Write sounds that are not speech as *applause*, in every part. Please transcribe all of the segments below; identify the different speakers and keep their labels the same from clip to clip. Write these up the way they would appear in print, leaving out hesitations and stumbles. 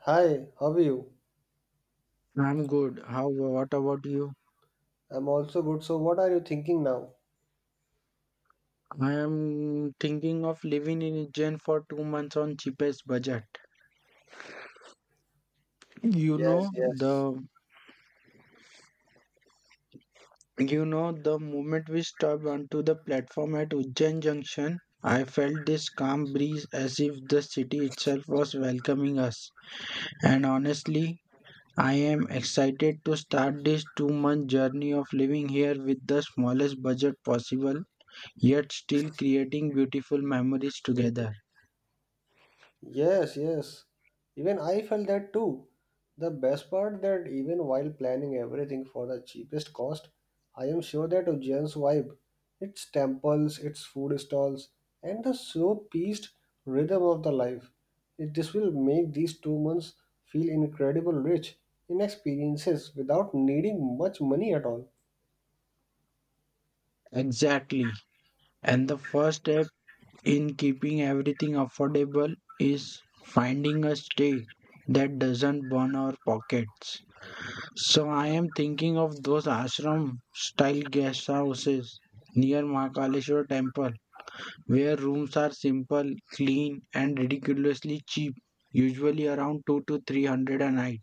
Speaker 1: Hi, how are you?
Speaker 2: I'm good. What about you?
Speaker 1: I'm also good. So, what are you thinking now?
Speaker 2: I am thinking of living in Ujjain for 2 months on cheapest budget. You
Speaker 1: Yes,
Speaker 2: know
Speaker 1: yes.
Speaker 2: the you know the moment we stepped onto the platform at Ujjain Junction, I felt this calm breeze as if the city itself was welcoming us. And honestly, I am excited to start this two-month journey of living here with the smallest budget possible, yet still creating beautiful memories together.
Speaker 1: Yes, yes. Even I felt that too. The best part that even while planning everything for the cheapest cost, I am sure that Ujjain's vibe, its temples, its food stalls, and the slow paced rhythm of the life, this will make these 2 months feel incredible rich in experiences without needing much money at all.
Speaker 2: Exactly. And the first step in keeping everything affordable is finding a stay that doesn't burn our pockets. So I am thinking of those ashram style guest houses near Mahakaleshwar temple where rooms are simple, clean and ridiculously cheap, usually around 2 to 300 a night.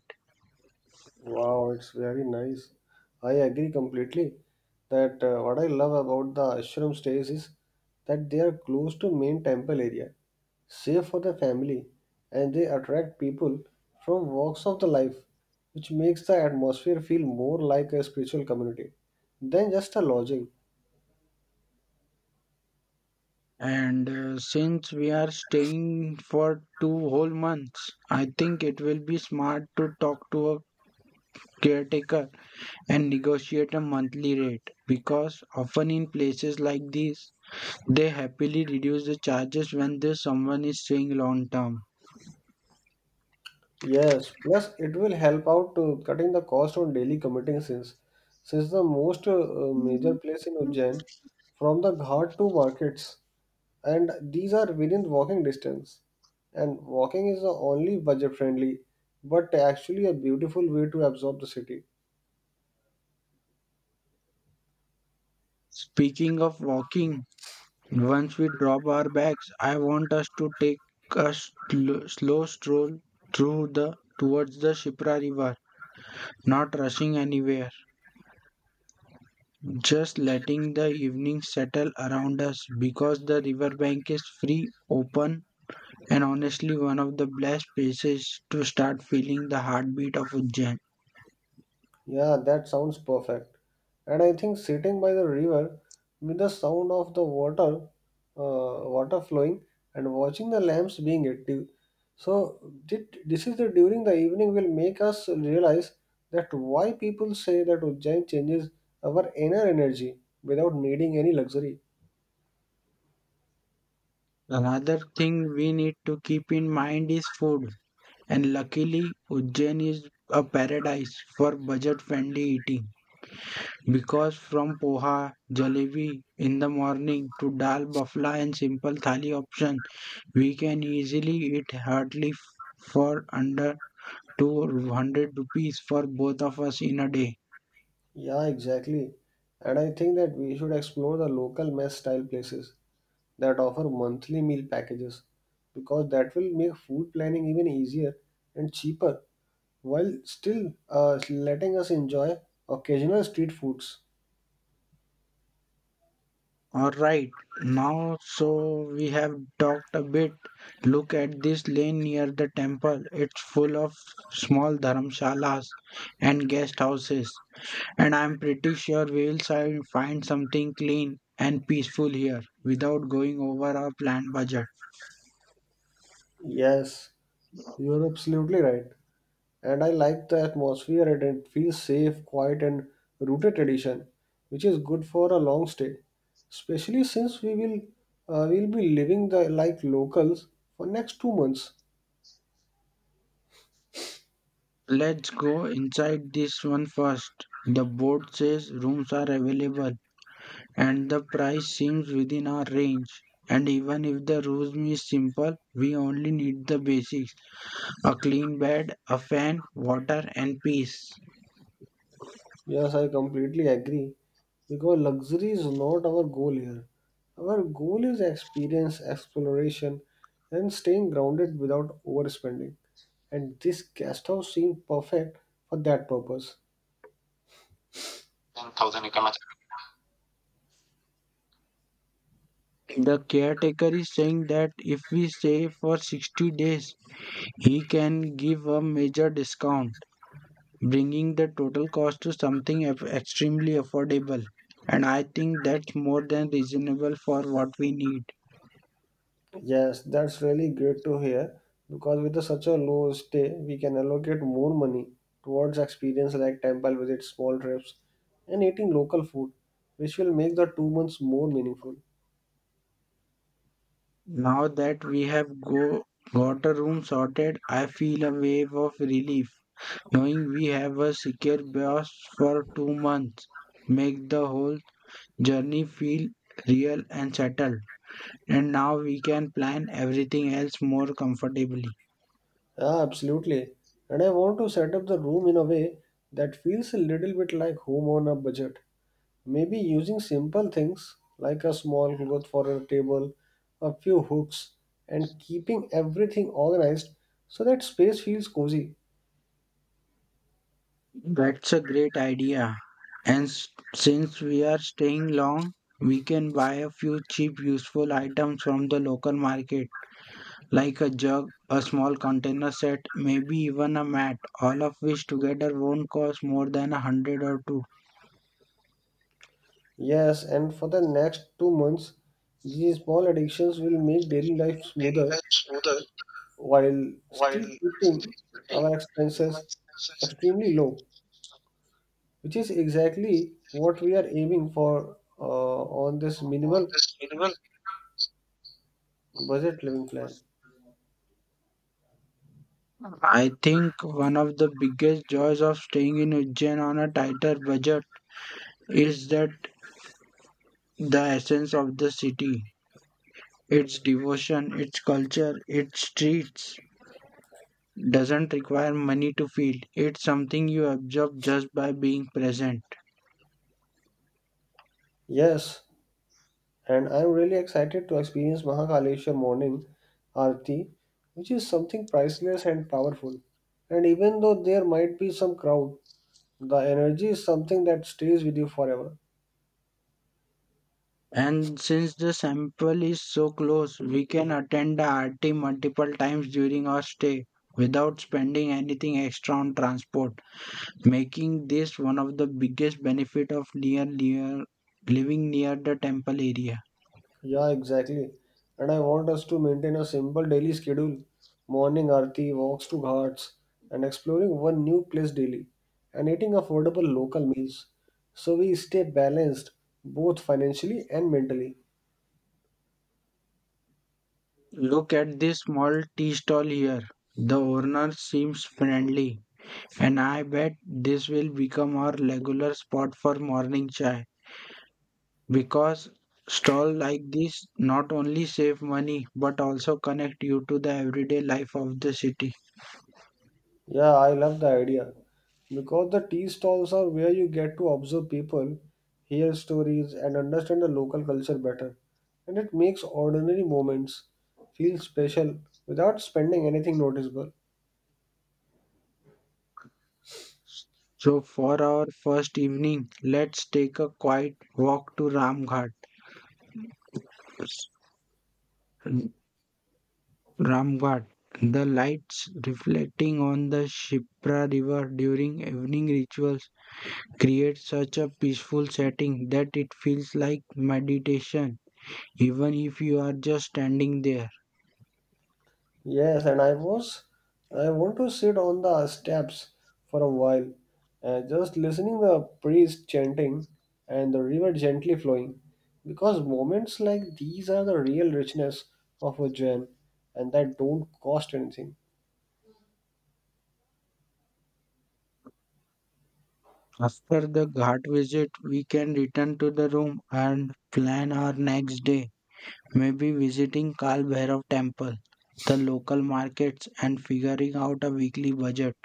Speaker 1: Wow, it's very nice. I agree completely that what I love about the ashram stays is that they are close to main temple area, safe for the family, and they attract people from walks of the life, which makes the atmosphere feel more like a spiritual community than just a lodging.
Speaker 2: And since we are staying for 2 whole months, I think it will be smart to talk to a caretaker and negotiate a monthly rate because often in places like these they happily reduce the charges when there's someone is staying long term.
Speaker 1: Yes, plus it will help out to cutting the cost on daily committing sins, since the most major
Speaker 2: Mhm.
Speaker 1: place in Ujjain from the ghat to markets and these are within walking distance. And walking is the only budget friendly, but actually a beautiful way to absorb the city.
Speaker 2: Speaking of walking, once we drop our bags, I want us to take a slow stroll through the towards the Shipra river, not rushing anywhere, just letting the evening settle around us, because the riverbank is free, open, and honestly one of the best places to start feeling the heartbeat of Ujjain.
Speaker 1: Yeah, that sounds perfect. And I think sitting by the river with the sound of the water, water flowing, and watching the lamps being active. So did, this is the during the evening will make us realize that why people say that Ujjain changes our inner energy without needing any luxury.
Speaker 2: Another thing we need to keep in mind is food, and luckily Ujjain is a paradise for budget-friendly eating because from poha, jalebi in the morning to dal bafla and simple thali options, we can easily eat heartily for under 200 rupees for both of us in a day.
Speaker 1: Yeah, exactly. And I think that we should explore the local mess style places that offer monthly meal packages because that will make food planning even easier and cheaper while still letting us enjoy occasional street foods.
Speaker 2: All right, now so we have talked a bit. Look at this lane near the temple. It's full of small dharamshalas and guest houses, and I'm pretty sure we will find something clean and peaceful here without going over our planned budget.
Speaker 1: Yes, you're absolutely right. And I like the atmosphere and it feels safe, quiet, and rooted tradition, which is good for a long stay. Especially since we will be living the like locals for next 2 months.
Speaker 2: Let's go inside this one first. The board says rooms are available, and the price seems within our range. And even if the room is simple, we only need the basics. A clean bed, a fan, water, and peace.
Speaker 1: Yes, I completely agree because luxury is not our goal here. Our goal is experience, exploration, and staying grounded without overspending. And this guest house seemed perfect for that purpose.
Speaker 2: The caretaker is saying that if we stay for 60 days, he can give a major discount, bringing the total cost to something extremely affordable. And I think that's more than reasonable for what we need.
Speaker 1: Yes, that's really great to hear because with the, such a low stay, we can allocate more money towards experience like temple visits, small trips, and eating local food, which will make the 2 months more meaningful.
Speaker 2: Now that we have go, got a room sorted, I feel a wave of relief knowing we have a secure boss for 2 months. Make the whole journey feel real and settled. And now we can plan everything else more comfortably.
Speaker 1: Yeah, absolutely. And I want to set up the room in a way that feels a little bit like home on a budget. Maybe using simple things like a small cloth for a table, a few hooks, and keeping everything organized so that space feels cozy.
Speaker 2: That's a great idea. And since we are staying long, we can buy a few cheap, useful items from the local market, like a jug, a small container set, maybe even a mat, all of which together won't cost more than a hundred or two.
Speaker 1: Yes, and for the next 2 months, these small addictions will make daily life smoother while still keeping our expenses extremely low, which is exactly what we are aiming for on this minimal budget living plan.
Speaker 2: I think one of the biggest joys of staying in Ujjain on a tighter budget is that the essence of the city, its devotion, its culture, its streets, doesn't require money to feel. It's something you absorb just by being present.
Speaker 1: Yes, and I'm really excited to experience Mahakaleshwar morning Aarti, which is something priceless and powerful. And even though there might be some crowd, the energy is something that stays with you forever.
Speaker 2: And since the sample is so close, we can attend the RT multiple times during our stay without spending anything extra on transport, making this one of the biggest benefit of near living near the temple area.
Speaker 1: Yeah, exactly. And I want us to maintain a simple daily schedule morning arti, walks to ghats, and exploring one new place daily, and eating affordable local meals. So we stay balanced both financially and mentally.
Speaker 2: Look at this small tea stall here. The owner seems friendly, and I bet this will become our regular spot for morning chai because stall like this not only save money but also connect you to the everyday life of the city.
Speaker 1: Yeah, I love the idea because the tea stalls are where you get to observe people, hear stories, and understand the local culture better. And it makes ordinary moments feel special without spending anything noticeable.
Speaker 2: So for our first evening, let's take a quiet walk to Ramghat. Ramghat. The lights reflecting on the Shipra River during evening rituals create such a peaceful setting that it feels like meditation, even if you are just standing there.
Speaker 1: Yes, and I was I want to sit on the steps for a while, just listening the priest chanting and the river gently flowing, because moments like these are the real richness of a gem, and that don't cost anything.
Speaker 2: After the Ghat visit, we can return to the room and plan our next day, maybe visiting Kal Bhairav temple, the local markets, and figuring out a weekly budget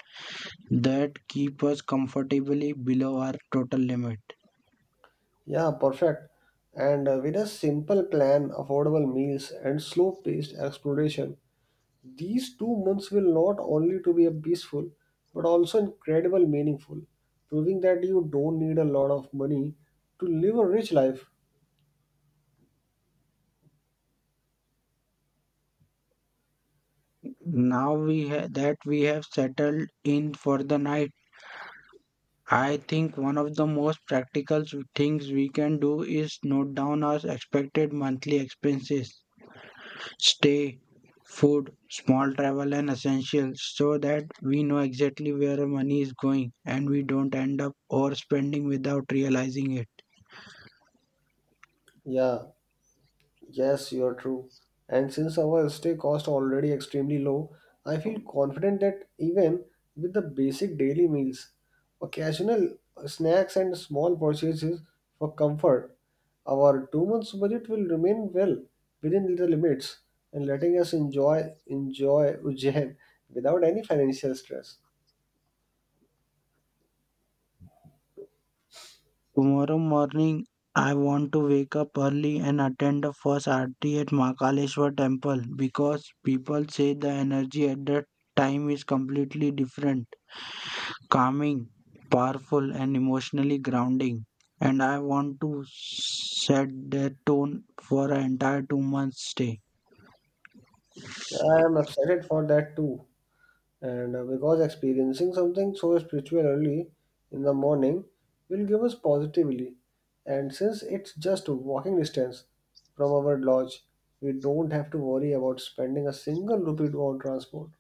Speaker 2: that keep us comfortably below our total limit.
Speaker 1: Yeah, perfect. And with a simple plan, affordable meals, and slow-paced exploration, these 2 months will not only to be a peaceful but also incredible meaningful, proving that you don't need a lot of money to live a rich life.
Speaker 2: That we have settled in for the night, I think one of the most practical things we can do is note down our expected monthly expenses, stay, food, small travel, and essentials, so that we know exactly where our money is going and we don't end up overspending without realizing it.
Speaker 1: Yeah. Yes, you are true. And since our stay cost already extremely low, I feel confident that even with the basic daily meals, occasional snacks and small purchases for comfort, our 2 months budget will remain well within the limits and letting us enjoy *laughs* Ujjain without any financial stress.
Speaker 2: Tomorrow morning, I want to wake up early and attend the first aarti at Mahakaleshwar temple because people say the energy at that time is completely different, calming, powerful, and emotionally grounding. And I want to set the tone for an entire 2 months stay.
Speaker 1: I am excited for that too. And because experiencing something so spiritual early in the morning will give us positively. And since it's just walking distance from our lodge, we don't have to worry about spending a single rupee on transport.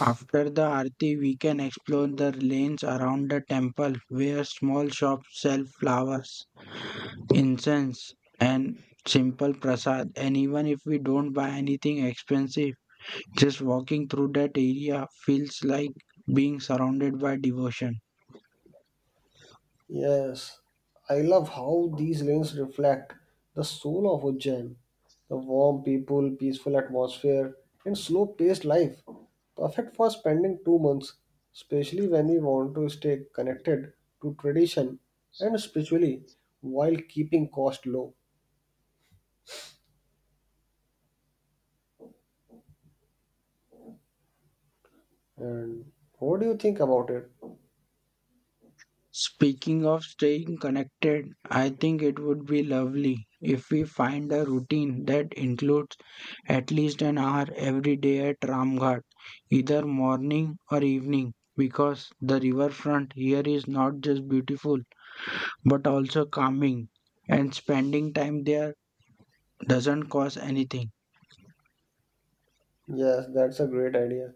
Speaker 2: After the Aarti, we can explore the lanes around the temple where small shops sell flowers, incense, and simple prasad. And even if we don't buy anything expensive, just walking through that area feels like being surrounded by devotion.
Speaker 1: Yes, I love how these lanes reflect the soul of Ujjain. The warm people, peaceful atmosphere, and slow paced life. Perfect for spending 2 months, especially when we want to stay connected to tradition and spiritually while keeping cost low. And what do you think about it?
Speaker 2: Speaking of staying connected, I think it would be lovely if we find a routine that includes at least an hour every day at Ramghat, either morning or evening, because the riverfront here is not just beautiful but also calming, and spending time there doesn't cost anything.
Speaker 1: Yes, that's a great idea.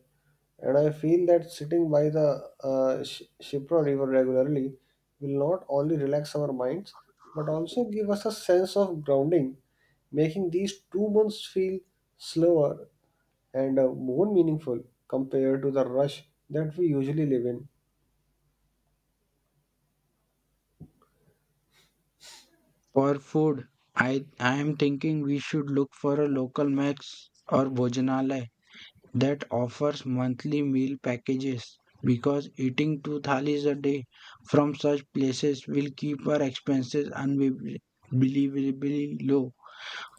Speaker 1: And I feel that sitting by the Shipra River regularly will not only relax our minds but also give us a sense of grounding, making these 2 months feel slower and more meaningful compared to the rush that we usually live in.
Speaker 2: For food, I am thinking we should look for a local max or Bhojanalaya that offers monthly meal packages because eating 2 thalis a day from such places will keep our expenses unbelievably low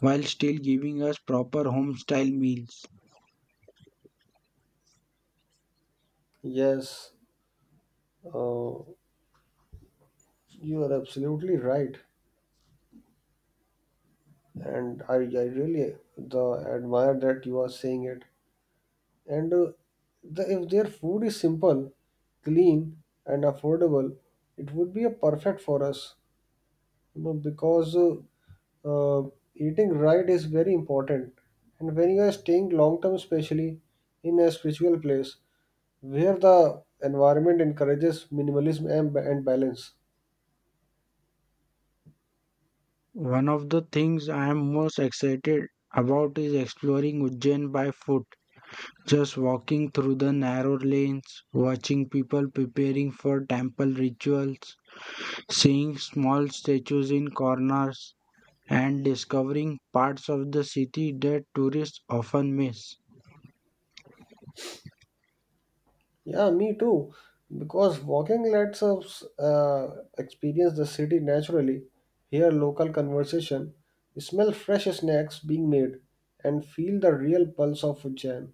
Speaker 2: while still giving us proper home style meals.
Speaker 1: Yes, uh, you are absolutely right, and I really admire that you are saying it and if their food is simple, clean and affordable, it would be a perfect for us, you know, because uh, eating right is very important and when you are staying long term especially in a spiritual place where the environment encourages minimalism and balance.
Speaker 2: One of the things I am most excited about is exploring Ujjain by foot. Just walking through the narrow lanes, watching people preparing for temple rituals, seeing small statues in corners, and discovering parts of the city that tourists often miss.
Speaker 1: Yeah, me too. Because walking lets us experience the city naturally, hear local conversation, smell fresh snacks being made, and feel the real pulse of Ujjain.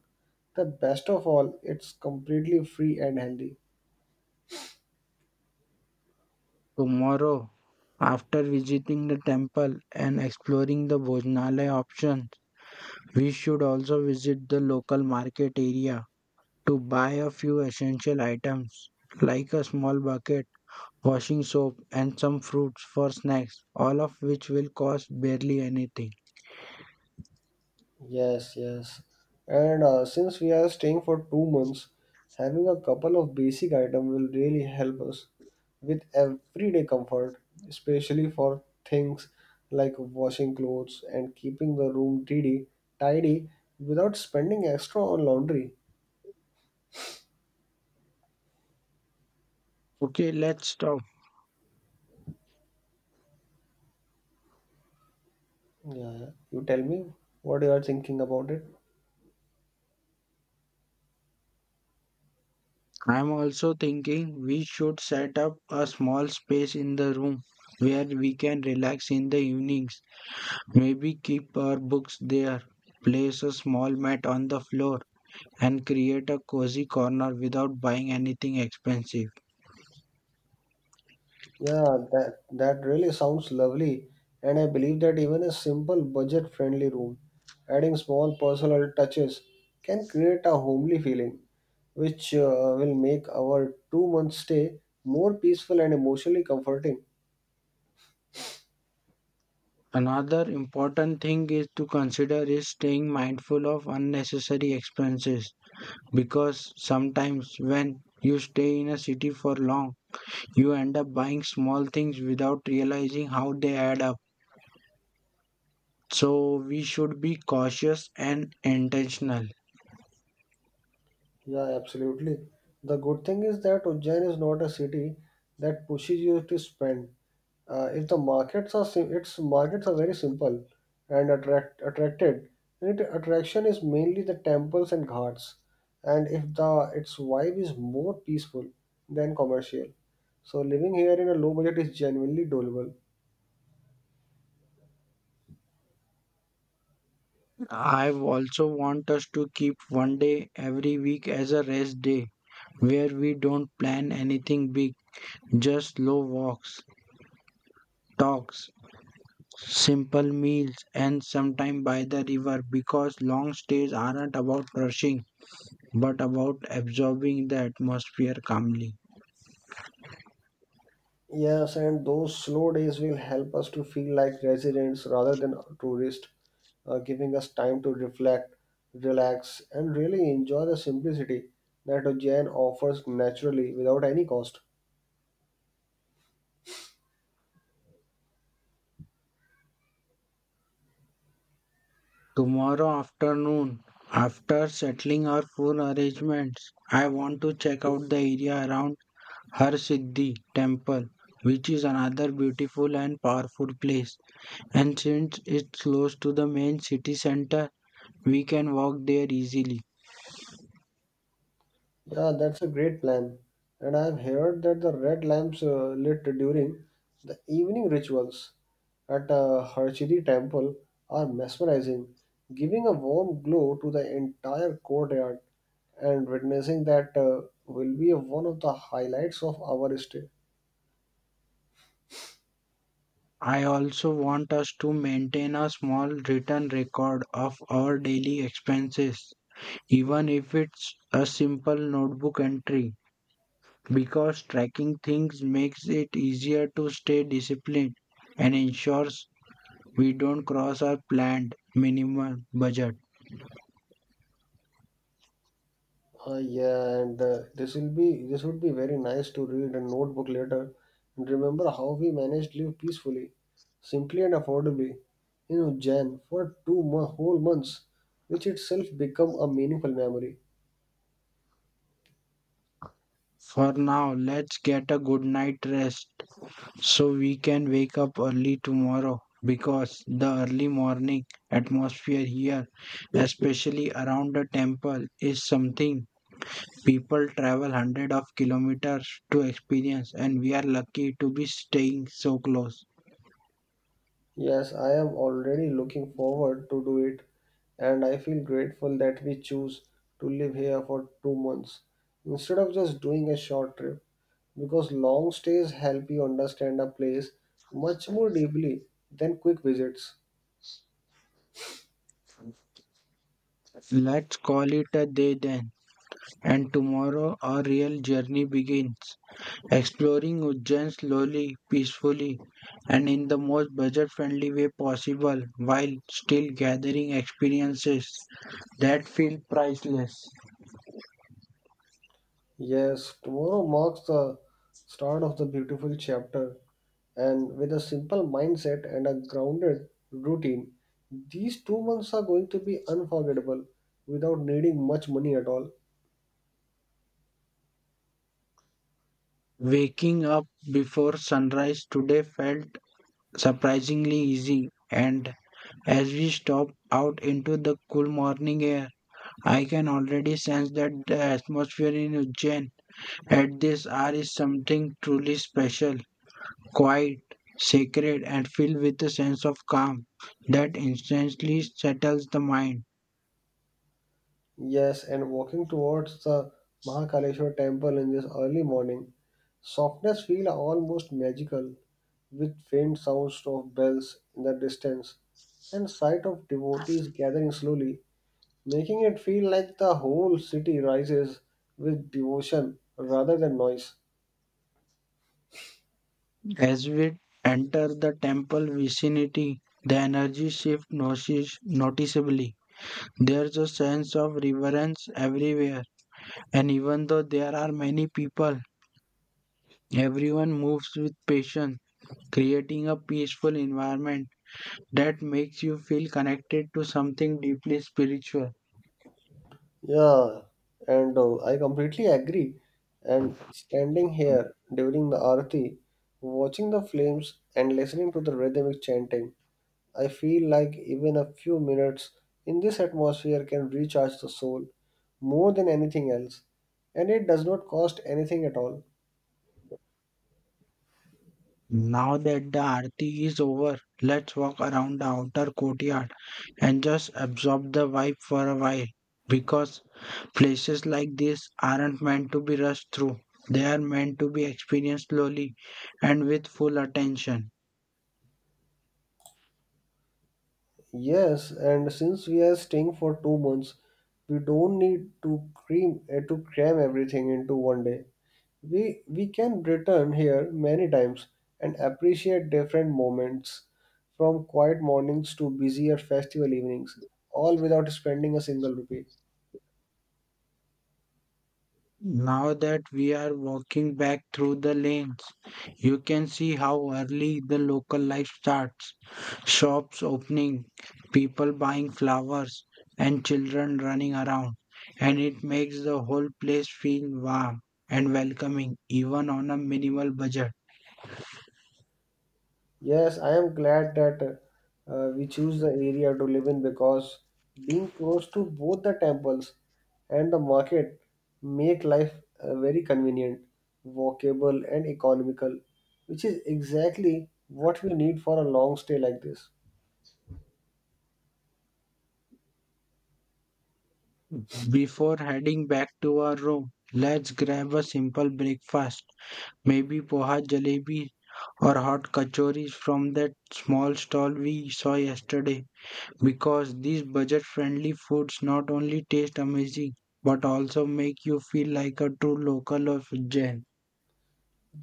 Speaker 1: The best of all, it's completely free and healthy.
Speaker 2: Tomorrow, after visiting the temple and exploring the Bhojanalaya options, we should also visit the local market area to buy a few essential items like a small bucket, washing soap, and some fruits for snacks, all of which will cost barely anything.
Speaker 1: Yes, yes. And since we are staying for 2 months, having a couple of basic items will really help us with everyday comfort, especially for things like washing clothes and keeping the room tidy without spending extra on laundry.
Speaker 2: Okay, let's talk.
Speaker 1: Yeah, yeah. You tell me what you are thinking about it.
Speaker 2: I'm also thinking we should set up a small space in the room where we can relax in the evenings. Maybe keep our books there, place a small mat on the floor, and create a cozy corner without buying anything expensive.
Speaker 1: Yeah, that really sounds lovely, and I believe that even a simple budget-friendly room, adding small personal touches, can create a homely feeling, which will make our two-month stay more peaceful and emotionally comforting.
Speaker 2: Another important thing is to consider is staying mindful of unnecessary expenses because sometimes when you stay in a city for long, you end up buying small things without realizing how they add up. So we should be cautious and intentional.
Speaker 1: Yeah, absolutely. The good thing is that Ujjain is not a city that pushes you to spend. If the markets are sim- its markets are very simple and attract attracted. It attraction is mainly the temples and ghats, and if the its vibe is more peaceful than commercial. So living here in a low budget is genuinely doable.
Speaker 2: *laughs* I also want us to keep one day every week as a rest day where we don't plan anything big, just slow walks, talks, simple meals, and sometime by the river because long stays aren't about rushing but about absorbing the atmosphere calmly.
Speaker 1: Yes, and those slow days will help us to feel like residents rather than tourists, giving us time to reflect, relax, and really enjoy the simplicity that Ujjain offers naturally without any cost.
Speaker 2: Tomorrow afternoon, after settling our phone arrangements, I want to check out the area around Harsiddhi temple, which is another beautiful and powerful place, and since it's close to the main city center we can walk there easily.
Speaker 1: Yeah, that's a great plan. And I've heard that the red lamps lit during the evening rituals at Harchidi temple are mesmerizing, giving a warm glow to the entire courtyard. And witnessing that will be one of the highlights of our stay.
Speaker 2: I also want us to maintain a small written record of our daily expenses, even if it's a simple notebook entry, because tracking things makes it easier to stay disciplined and ensures we don't cross our planned minimum budget.
Speaker 1: Yeah, and this will be this would be very nice to read a notebook later and remember how we managed to live peacefully, simply and affordably, you know, Jan, for whole months, which itself become a meaningful memory.
Speaker 2: For now, let's get a good night rest so we can wake up early tomorrow because the early morning atmosphere here, especially around the temple, is something people travel hundreds of kilometers to experience, and we are lucky to be staying so close.
Speaker 1: Yes, I am already looking forward to do it, and I feel grateful that we choose to live here for 2 months instead of just doing a short trip, because long stays help you understand a place much more deeply than quick visits.
Speaker 2: Let's call it a day then, and tomorrow our real journey begins. Exploring Ujjain slowly, peacefully, and in the most budget friendly way possible while still gathering experiences that feel priceless.
Speaker 1: Yes, tomorrow marks the start of the beautiful chapter, and with a simple mindset and a grounded routine, these 2 months are going to be unforgettable without needing much money at all.
Speaker 2: Waking up before sunrise today felt surprisingly easy, and as we stop out into the cool morning air, I can already sense that the atmosphere in Ujjain at this hour is something truly special. Quiet, sacred, and filled with a sense of calm that instantly settles the mind.
Speaker 1: Yes, and walking towards the Mahakaleshwar temple in this early morning, softness feels almost magical, with faint sounds of bells in the distance and sight of devotees gathering slowly, making it feel like the whole city rises with devotion rather than noise.
Speaker 2: As we enter the temple vicinity, the energy noticeably. There's a sense of reverence everywhere, and even though there are many people, everyone moves with patience, creating a peaceful environment that makes you feel connected to something deeply spiritual.
Speaker 1: Yeah, and I completely agree. And standing here during the arati, watching the flames and listening to the rhythmic chanting, I feel like even a few minutes in this atmosphere can recharge the soul more than anything else, and it does not cost anything at all.
Speaker 2: Now that the aarti is over, let's walk around the outer courtyard and just absorb the vibe for a while because places like this aren't meant to be rushed through. They are meant to be experienced slowly and with full attention.
Speaker 1: Yes, and since we are staying for 2 months, we don't need to cream to cram everything into one day. We can return here many times and appreciate different moments, from quiet mornings to busier festival evenings, all without spending a single rupee.
Speaker 2: Now that we are walking back through the lanes, you can see how early the local life starts. Shops opening, people buying flowers, and children running around. And it makes the whole place feel warm and welcoming, even on a minimal budget.
Speaker 1: Yes, I am glad that we choose the area to live in because being close to both the temples and the market make life very convenient, walkable and economical, which is exactly what we need for a long stay like this.
Speaker 2: Before heading back to our room, let's grab a simple breakfast. Maybe poha jalebi or hot kachoris from that small stall we saw yesterday. Because these budget friendly foods not only taste amazing but also make you feel like a true local of Jan.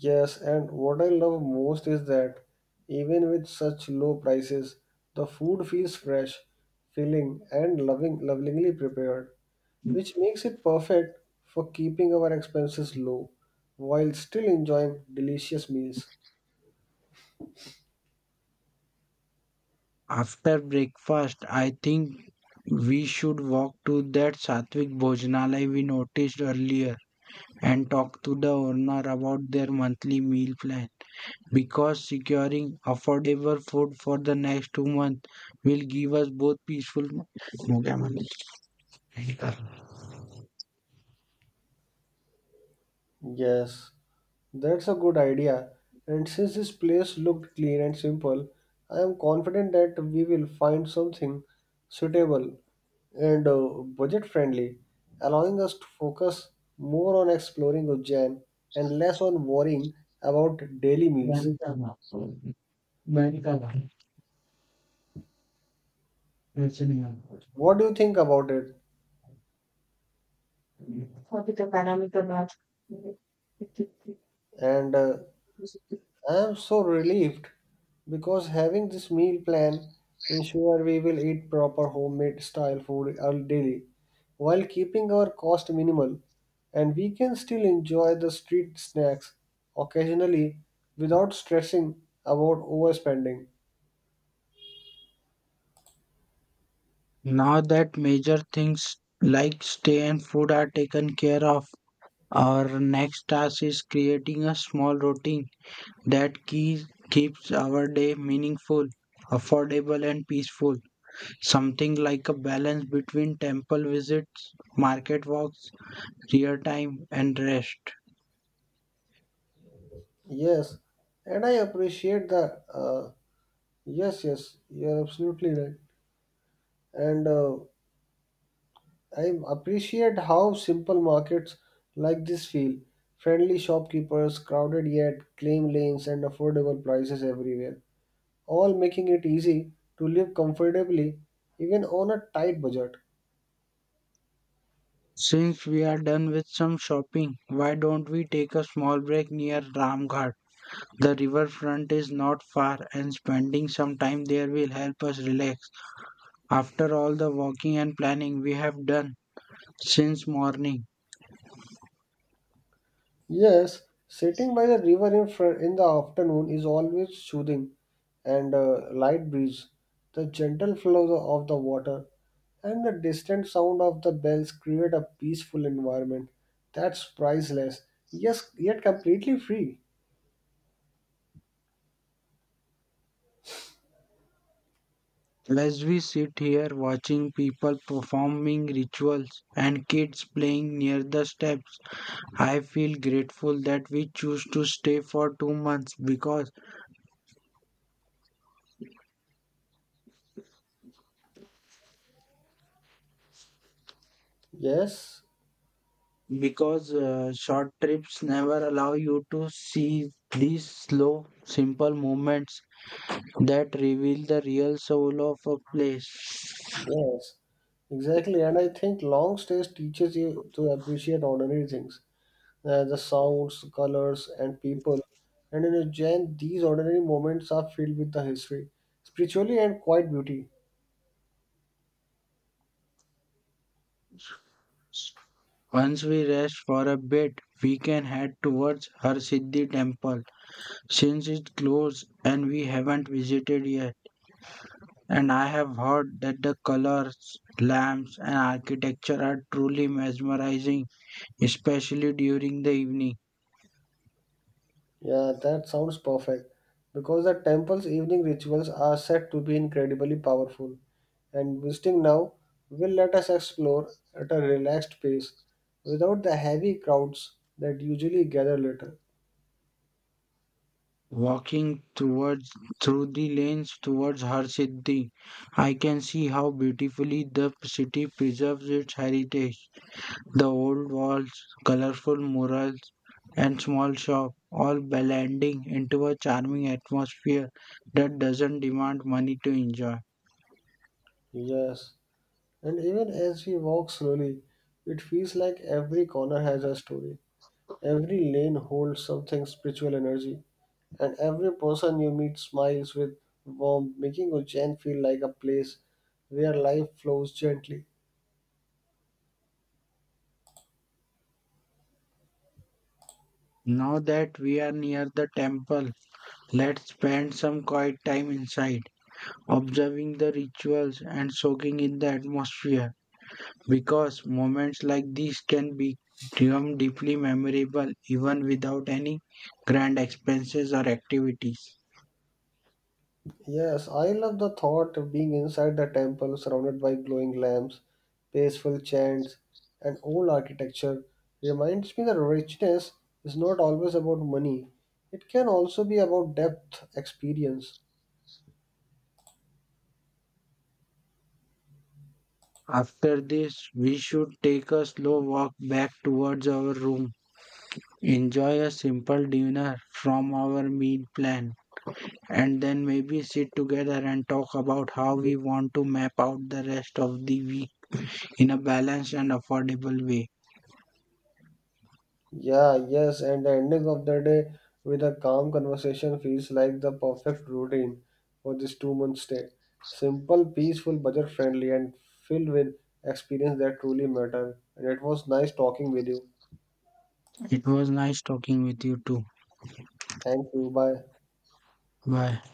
Speaker 1: Yes, and what I love most is that even with such low prices, the food feels fresh, filling and lovingly prepared, which makes it perfect for keeping our expenses low while still enjoying delicious meals.
Speaker 2: After breakfast, I think we should walk to that Satvik Bhojanalaya we noticed earlier and talk to the owner about their monthly meal plan because securing affordable food for the next 2 months will give us both peaceful.
Speaker 1: Yes, that's a good idea. And since this place looked clean and simple, I am confident that we will find something suitable and budget friendly, allowing us to focus more on exploring Ujjain and less on worrying about daily meals. What do you think about it? And I am so relieved because having this meal plan ensure we will eat proper homemade style food all daily while keeping our cost minimal and we can still enjoy the street snacks occasionally without stressing about overspending.
Speaker 2: Now that major things like stay and food are taken care of, our next task is creating a small routine that key keeps our day meaningful, affordable, and peaceful. Something like a balance between temple visits, market walks, prayer time, and rest.
Speaker 1: Yes, and I appreciate the yes, yes, you're absolutely right. And I appreciate how simple markets like this feel. Friendly shopkeepers, crowded yet claim lanes, and affordable prices everywhere, all making it easy to live comfortably even on a tight budget.
Speaker 2: Since we are done with some shopping, why don't we take a small break near Ramghat? The riverfront is not far, and spending some time there will help us relax. After all the walking and planning we have done since morning,
Speaker 1: Yes, sitting by the river in the afternoon is always soothing and light breeze, the gentle flow of the water, and the distant sound of the bells create a peaceful environment that's priceless, yes, yet completely free.
Speaker 2: as we sit here watching people performing rituals and kids playing near the steps, I feel grateful that we choose to stay for 2 months because
Speaker 1: Yes,
Speaker 2: short trips never allow you to see these slow, simple moments that reveal the real soul of a place.
Speaker 1: yes, exactly. And I think long stays teaches you to appreciate ordinary things, the sounds, colors, and people. And in a Jain, these ordinary moments are filled with the history, spiritually and quiet beauty.
Speaker 2: Once we rest for a bit, we can head towards Har Siddhi temple since it closed and we haven't visited yet. And I have heard that the colors, lamps, and architecture are truly mesmerizing, especially during the evening.
Speaker 1: Yeah, that sounds perfect. Because the temple's evening rituals are said to be incredibly powerful, and visiting now will let us explore at a relaxed pace without the heavy crowds that usually gather later.
Speaker 2: Walking towards Through the lanes towards Harsiddhi, I can see how beautifully the city preserves its heritage. The old walls, colorful murals, and small shop all blending into a charming atmosphere that doesn't demand money to enjoy.
Speaker 1: Yes, and even as we walk slowly, it feels like every corner has a story. Every lane holds something spiritual energy, and every person you meet smiles with warmth, making Ujjain feel like a place where life flows gently.
Speaker 2: Now that we are near the temple, let's spend some quiet time inside, observing the rituals and soaking in the atmosphere, because moments like these become deeply memorable even without any grand expenses or activities.
Speaker 1: Yes, I love the thought of being inside the temple surrounded by glowing lamps, peaceful chants, and old architecture. Reminds me that richness is not always about money, it can also be about depth, experience.
Speaker 2: After this, we should take a slow walk back towards our room, enjoy a simple dinner from our meal plan, and then maybe sit together and talk about how we want to map out the rest of the week in a balanced and affordable way.
Speaker 1: Yeah, yes, and the ending of the day with a calm conversation feels like the perfect routine for this 2 month stay. Simple, peaceful, budget friendly, and filled with experience that truly matter. And it was nice talking with you.
Speaker 2: It was nice talking with you too.
Speaker 1: Thank you. Bye.
Speaker 2: Bye.